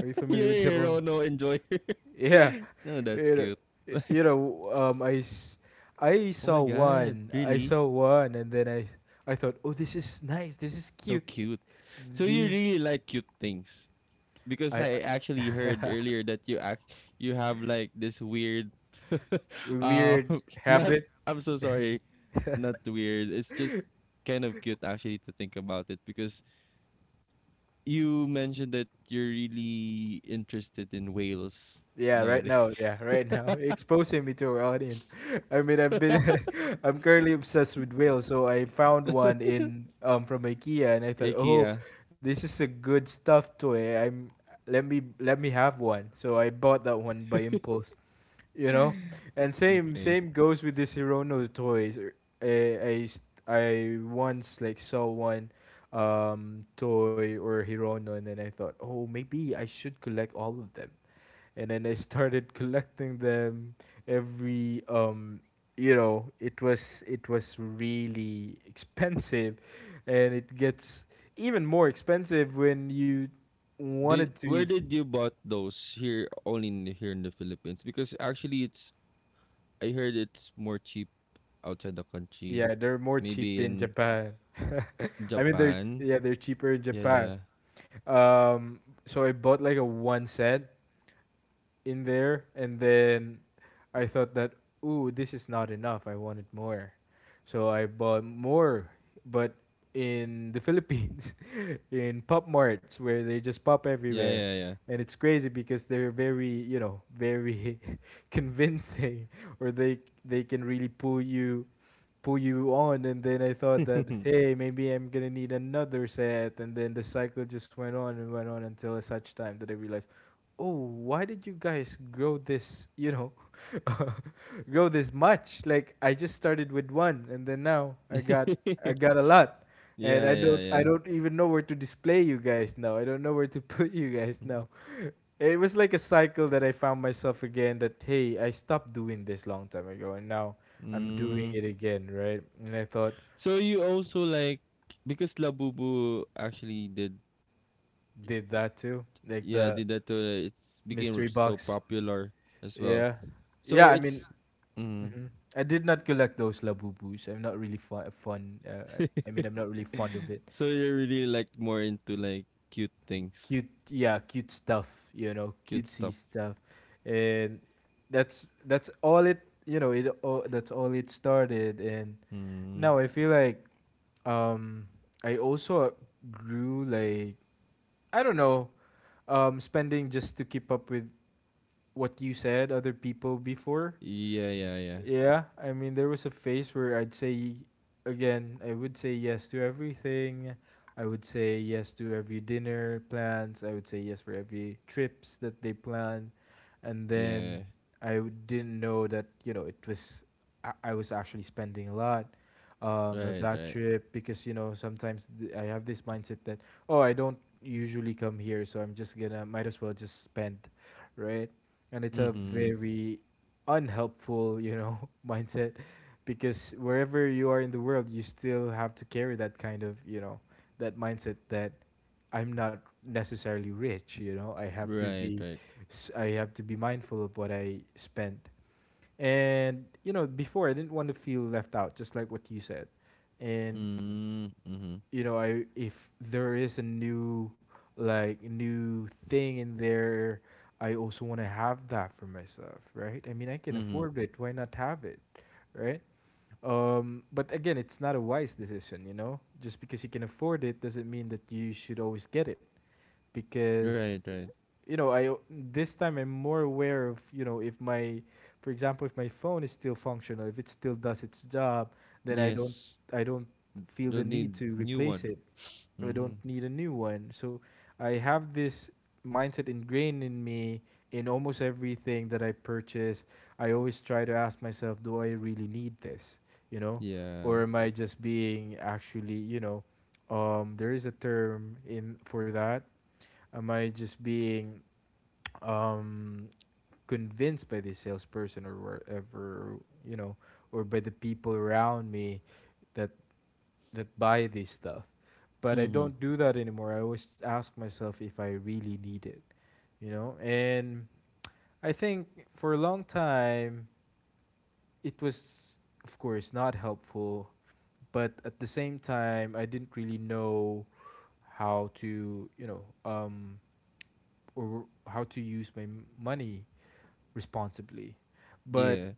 A: Are you familiar
B: Yeah,
A: with
B: yeah,
A: Hirono?
B: no, enjoy.
A: Yeah.
B: No, that's
A: You know,
B: cute. Oh
A: you know, I
B: my
A: saw
B: god,
A: one. I
B: really?
A: saw one, and then I thought, oh, this is nice. This is
B: So
A: cute.
B: cute. So you
A: These
B: really like cute things because
A: I
B: I actually heard earlier that you act, you have like this weird uh
A: weird
B: not,
A: habit.
B: I'm so sorry, not weird. It's just kind of cute actually to think about it because you mentioned that you're really interested in whales
A: Yeah,
B: now.
A: right
B: The-
A: now. Yeah, right now. Exposing me to our audience. I mean, I've been, I'm currently obsessed with whales. So I found one in from IKEA, and I thought, oh,
B: IKEA.
A: this is a good stuffed toy. I'm Let me have one. So I bought that one by impulse, you know. And same
B: Okay.
A: same goes with this Hirono toys. I once like saw one toy or Hirono, and then I thought, oh, maybe I should collect all of them, and then I started collecting them every um, you know, it was, it was really expensive, and it gets even more expensive when you
B: Did,
A: wanted
B: where
A: to.
B: did you bought those? Here only in, here in the Philippines because actually it's, I heard it's more cheap outside the country.
A: Yeah, they're more cheap
B: Maybe
A: in
B: in
A: Japan. I mean, they're,
B: Japan.
A: yeah, they're cheaper in
B: Yeah,
A: Japan.
B: yeah.
A: Um, so I bought like a one set in there, and then I thought that, ooh, this is not enough. I wanted more, so I bought more. But in the Philippines, in pop marts where they just pop
B: Yeah,
A: everywhere,
B: yeah,
A: and it's crazy because they're very, you know, very convincing, or they can really pull you, pull you on. And then I thought
B: yeah.
A: that, hey, maybe I'm gonna need another set, and then the cycle just went on and went on until at such time that I realized, oh, why did you guys grow this, you know, grow this much? Like, I just started with one, and then now I got, I got a lot. And
B: Yeah,
A: I
B: yeah,
A: don't I
B: yeah.
A: don't even know where to display you guys now. I don't know where to put you guys now. It was like a cycle that I found myself again that, hey, I stopped doing this long time ago and now I'm doing
B: Mm.
A: it again, right? And I thought
B: So you also like, because Labubu actually did,
A: did that too, like
B: yeah,
A: the
B: did that too. It became
A: mystery
B: so
A: box.
B: popular as well.
A: Yeah.
B: So
A: Yeah, I
B: it's
A: mean,
B: Mm.
A: mhm. I did not collect those labubus. I'm not really fun, fun I mean, I'm not really fond of it.
B: So you're really like more into like cute things,
A: Cute, yeah, cute stuff, you know,
B: cute stuff.
A: cutesy stuff. And that's that's all it, you know, that's all it started. And
B: Mm.
A: now I feel like, um I also grew like, I don't know, spending just to keep up with what you said, other people before.
B: Yeah, yeah, yeah,
A: Yeah, I mean, there was a phase where I'd say, again, I would say yes to everything. I would say yes to every dinner plans. I would say yes for every trips that they plan. And
B: yeah.
A: then didn't know that, you know, it was, I was actually spending a lot of
B: Right,
A: that
B: right,
A: trip because, you know, sometimes I have this mindset that, oh, I don't usually come here, so I'm just gonna, might as well just spend, right? And it's a
B: mm-hmm.
A: very unhelpful, you know, mindset, because wherever you are in the world, you still have to carry that kind of, you know, that mindset that I'm not necessarily rich, you know,
B: Right, right.
A: I have to be mindful of what I spend. And you know, before I didn't want to feel left out, just like what you said. And
B: Mm. Mm-hmm.
A: you know, I if there is a new thing in there, I also want to have that for myself, right? I mean, I can
B: Mm-hmm.
A: afford it. Why not have it, right? But again, it's not a wise decision, you know. Just because you can afford it doesn't mean that you should always get it, because,
B: Right, right.
A: you know, this time I'm more aware of, you know, if my, for example, if my phone is still functional, if it still does its job, then I don't
B: Yes.
A: I don't feel the
B: Don't
A: need
B: need
A: to
B: new
A: replace
B: one.
A: it. I
B: Mm-hmm.
A: don't need a new one. So I have this mindset ingrained in me in almost everything that I purchase. I always try to ask myself, do I really need this? You know,
B: Yeah.
A: or am I just being, actually, you know, there is a term in for that. Am I just being um, convinced by this salesperson or whatever, you know, or by the people around me that buy this stuff. But I
B: Mm-hmm.
A: don't do that anymore. I always ask myself if I really need it, you know? And I think for a long time, it was, of course, not helpful. But at the same time, I didn't really know how to, you know, or how to use my money responsibly. But
B: Yeah.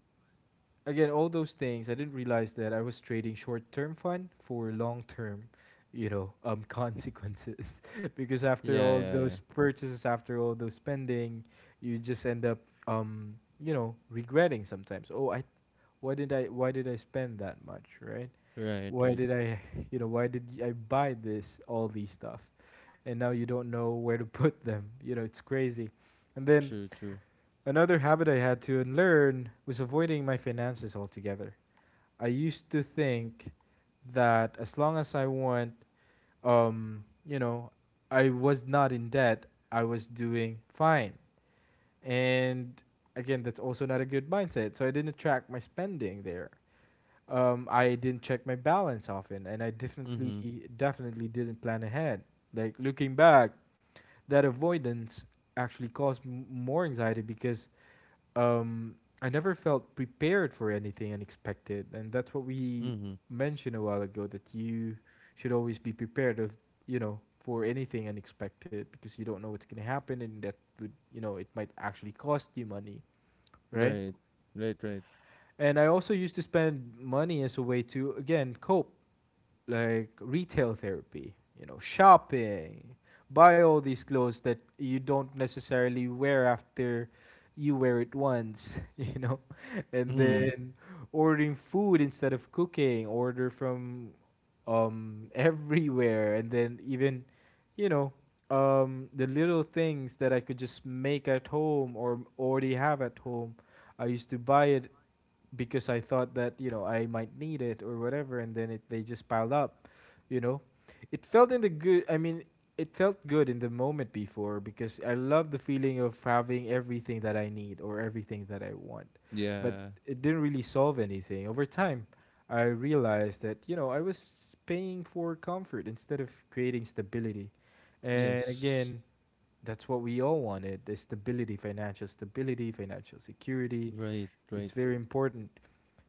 A: again, all those things, I didn't realize that I was trading short term fun for long term, you know, consequences. because after
B: Yeah,
A: all
B: yeah, yeah.
A: those purchases, after all those spending, you just end up, um, you know, regretting sometimes. Oh, I Why did I, spend that much, right?
B: Right,
A: Why
B: right.
A: did I, you know, why did I buy this all these stuff? And now you don't know where to put them. You know, it's crazy. And then
B: True, true.
A: another habit I had to unlearn was avoiding my finances altogether. I used to think that as long as I want, you know, I was not in debt, I was doing fine. And again, that's also not a good mindset. So I didn't track my spending there. I didn't check my balance often, and I definitely,
B: Mm-hmm.
A: definitely didn't plan ahead. Like, looking back, that avoidance actually caused more anxiety because, um, I never felt prepared for anything unexpected, and that's what we
B: Mm-hmm.
A: mentioned a while ago, that you should always be prepared of, you know, for anything unexpected, because you don't know what's going to happen and that would, you know, it might actually cost you money, right?
B: Right. Right, right.
A: And I also used to spend money as a way to again cope, like retail therapy, you know, shopping, buy all these clothes that you don't necessarily wear after you wear it once, you know, and
B: Mm.
A: then ordering food instead of cooking, order from everywhere, and then even, you know, the little things that I could just make at home or already have at home, I used to buy it because I thought that, you know, I might need it or whatever, and then it they just piled up, you know. It felt in the good. I mean, it felt good in the moment before because I love the feeling of having everything that I need or everything that I want, but
B: Yeah.
A: it didn't really solve anything. Over time, I realized that you know I was paying for comfort instead of creating stability, and
B: Yes.
A: again. That's what we all wanted: the stability, financial security,
B: Right,
A: it's
B: right.
A: very important.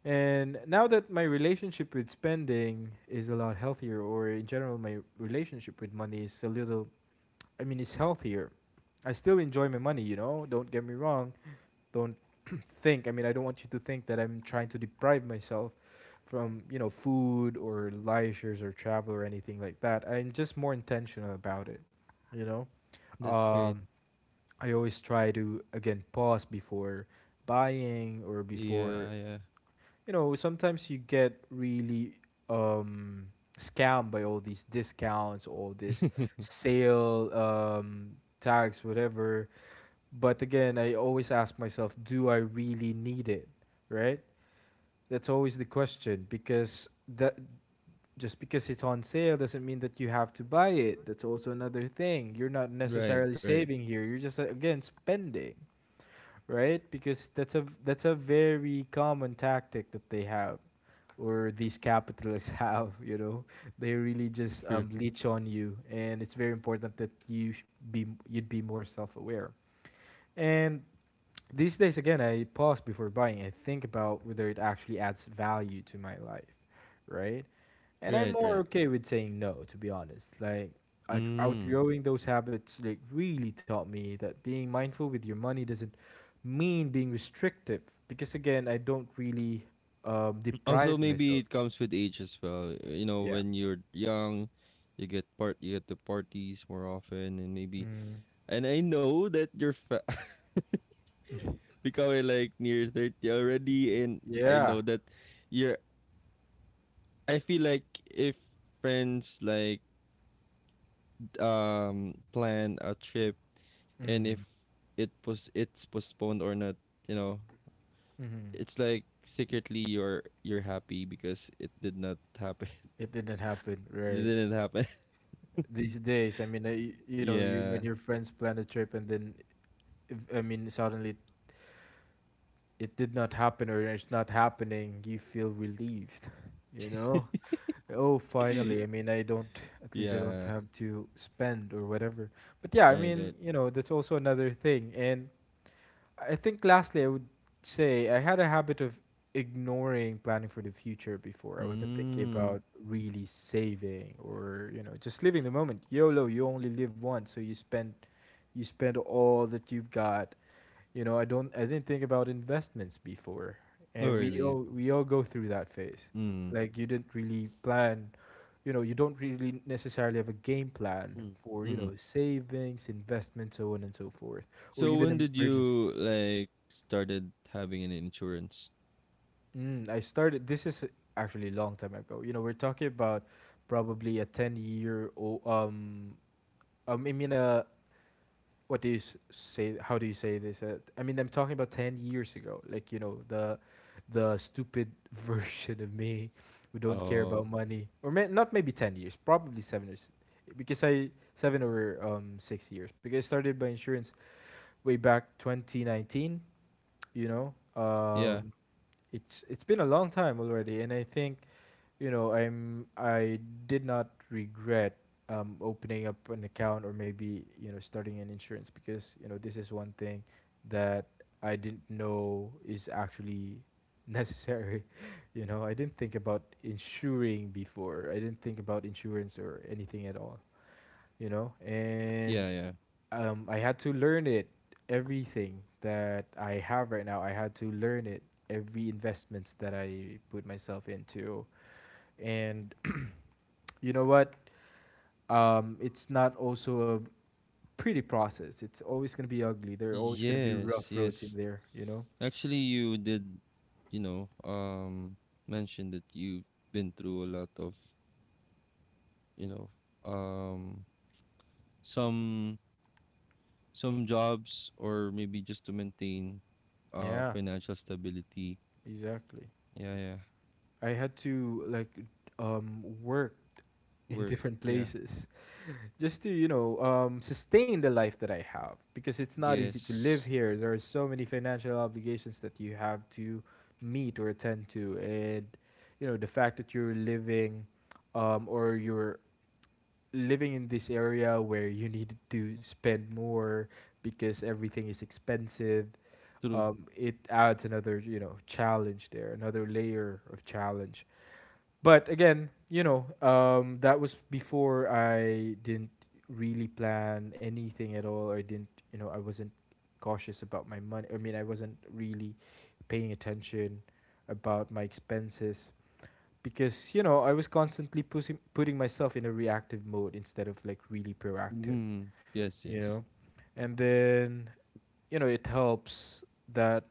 A: And now that my relationship with spending is a lot healthier, or in general, my relationship with money is a little, I mean, it's healthier. I still enjoy my money, you know, don't get me wrong. Don't think, I mean, I don't want you to think that I'm trying to deprive myself from, food or leisures or travel or anything like that. I'm just more intentional about it, you know.
B: That's great.
A: Um, I always try to, again, pause before buying or
B: Yeah,
A: before
B: yeah.
A: you know, sometimes you get really um scammed by all these discounts, all this sale tags, whatever. But again, I always ask myself, do I really need it? Right? That's always the question because that just because it's on sale doesn't mean that you have to buy it. That's also another thing. You're not
B: Right,
A: necessarily
B: right.
A: saving here. You're just again spending, right? Because that's a very common tactic that they have or these capitalists have, you know, they really just
B: True.
A: leech on you, and it's very important that you'd be more self-aware. And these days, again, I pause before buying. I think about whether it actually adds value to my life, right? And I'm
B: Right,
A: more
B: right.
A: okay with saying no, to be honest. Like out-
B: Mm.
A: outgrowing those habits, like really taught me that being mindful with your money doesn't mean being restrictive, because again, I don't really
B: Also,
A: deprive
B: maybe
A: myself.
B: it comes with age as well. You know,
A: Yeah.
B: when you're young, you get part, you get to parties more often, and maybe.
A: Mm.
B: And I know that you're becoming like near 30 already, and I know
A: Yeah.
B: that you're. I feel like if friends like plan a trip and if
A: Mm.
B: it's postponed or not, you know,
A: Hmm.
B: it's like secretly you're happy because it did not happen.
A: It didn't happen,
B: It
A: right?
B: didn't happen.
A: These days, I mean, you know, you,
B: Yeah.
A: when your friends plan a trip and then, I mean, suddenly it did not happen or it's not happening, you feel relieved, you know? Oh, finally. I mean, I don't, at least I don't
B: Yeah.
A: have to spend or whatever. But yeah, I
B: Right,
A: mean,
B: right.
A: you know, that's also another thing. And I think lastly, I would say I had a habit of ignoring planning for the future before. I wasn't thinking
B: Mm.
A: about really saving or you know just living the moment. YOLO, you only live once, so you spend all that you've got. You know, I didn't think about investments before,
B: Oh
A: and we
B: really?
A: all we all go through that phase.
B: Mm.
A: Like you didn't really plan. You know, you don't really necessarily have a game plan
B: Mm.
A: for you
B: Mm-hmm.
A: know savings, investments, so on and so forth, or
B: So when
A: even
B: did
A: emergencies.
B: you like started having an insurance?
A: Mm, I started. This is actually a long time ago. You know, we're talking about probably a ten-year old. I mean, what do you say? How do you say this? I mean, I'm talking about 10 years ago. Like you know, the stupid version of me who don't care about
B: Oh,
A: money, or not maybe 10 years, probably because I seven or 6 years because I started my insurance way back 2019. You know,
B: yeah.
A: um, it's been a long time already, and I think you know I did not regret opening up an account or maybe you know starting an insurance because you know this is one thing that I didn't know is actually necessary you know, I didn't think about insuring before. I didn't think about insurance or anything at all, you know. And
B: Yeah, yeah.
A: I had to learn it. Everything that I have right now I had to learn it. Every investments that I put myself into. And you know what? It's not also a pretty process. It's always going to be ugly. There are always going to be
B: Yes,
A: rough
B: yes.
A: roads in there, you know?
B: Actually, you did, you know, mention that you've been through a lot of, you know, um, some some jobs or maybe just to maintain,
A: Yeah,
B: financial stability.
A: exactly.
B: Yeah, yeah.
A: I had to like work in
B: Work.
A: different
B: Yeah.
A: places just to, you know, sustain the life that I have because it's not easy to live
B: Yes.
A: here. There are so many financial obligations that you have to meet or attend to. And, you know, the fact that you're living or you're living in this area where you need to spend more because everything is expensive,
B: True.
A: it adds another, you know, challenge there, another layer of challenge. But again, you know, that was before. I didn't really plan anything at all, or didn't, you know, I wasn't cautious about my money. I mean, I wasn't really paying attention about my expenses because you know I was constantly pushing, putting myself in a reactive mode instead of like really proactive,
B: Mm. Yes.
A: you
B: Yes.
A: know, and then you know it helps that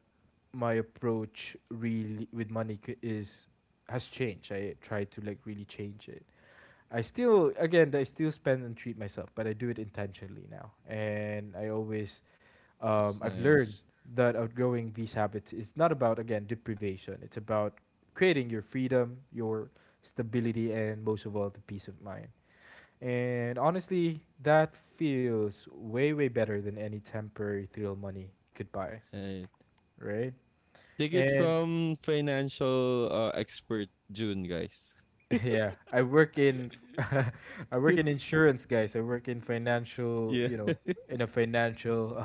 A: my approach really with money is has changed. I try to like really change it. I still again I still spend and treat myself, but I do it intentionally now, and I always
B: It's
A: I've
B: nice.
A: learned that outgrowing these habits is not about, again, deprivation. It's about creating your freedom, your stability, and most of all, the peace of mind. And honestly, that feels way, way better than any temporary thrill money could buy,
B: Right.
A: right?
B: Take it
A: And
B: from financial expert June, guys.
A: yeah, I work in, f- I work in insurance, guys. I work in financial,
B: Yeah.
A: you know, in a financial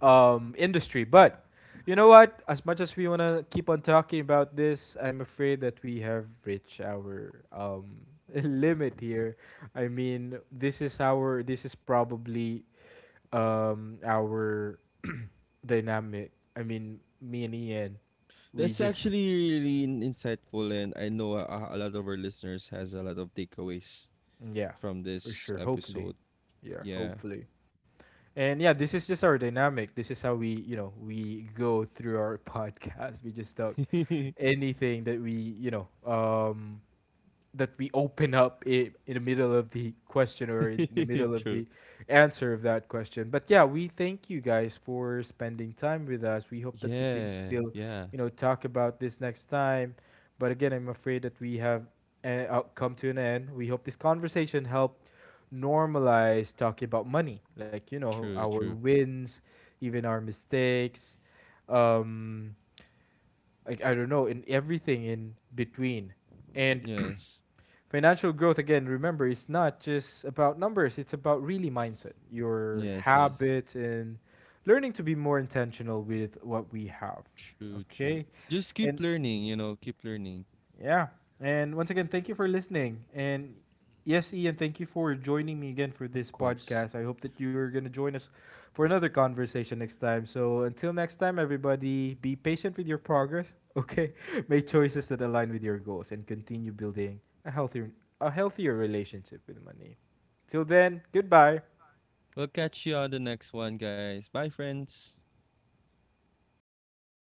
A: industry. But you know what? As much as we want to keep on talking about this, I'm afraid that we have reached our limit here. I mean, this is our this is probably our dynamic. I mean, me and Ian, we
B: That's
A: just
B: actually really insightful, and I know a lot of our listeners has a lot of takeaways
A: yeah,
B: from
A: for
B: this
A: sure.
B: episode.
A: Hopefully, yeah,
B: Yeah.
A: hopefully. And yeah, this is just our dynamic. This is how we, you know, we go through our podcast. We just talk anything that we you know that we open up I in the middle of the question or in the middle of
B: True.
A: the answer of that question. But yeah, we thank you guys for spending time with us. We hope that we can
B: Yeah,
A: still
B: yeah.
A: you know talk about this next time. But again, I'm afraid that we have come to an end. We hope this conversation helped normalize talking about money, like you know
B: True,
A: our
B: true.
A: wins, even our mistakes. Um, like I don't know, in everything in between. And
B: Yes.
A: financial growth again, remember, it's not just about numbers, it's about really mindset, your
B: Yes, yes.
A: habit and learning to be more intentional with what we have.
B: True, true.
A: Okay?
B: Just keep
A: And
B: learning, you know, keep learning,
A: yeah. And once again, thank you for listening. And yes, Ian, thank you for joining me again for
B: of
A: this
B: course.
A: podcast. I hope that you're going to join us for another conversation next time. So until next time, everybody, be patient with your progress, okay? Make choices that align with your goals and continue building a healthier relationship with money. Till then, goodbye.
B: We'll catch you on the next one, guys. Bye, friends.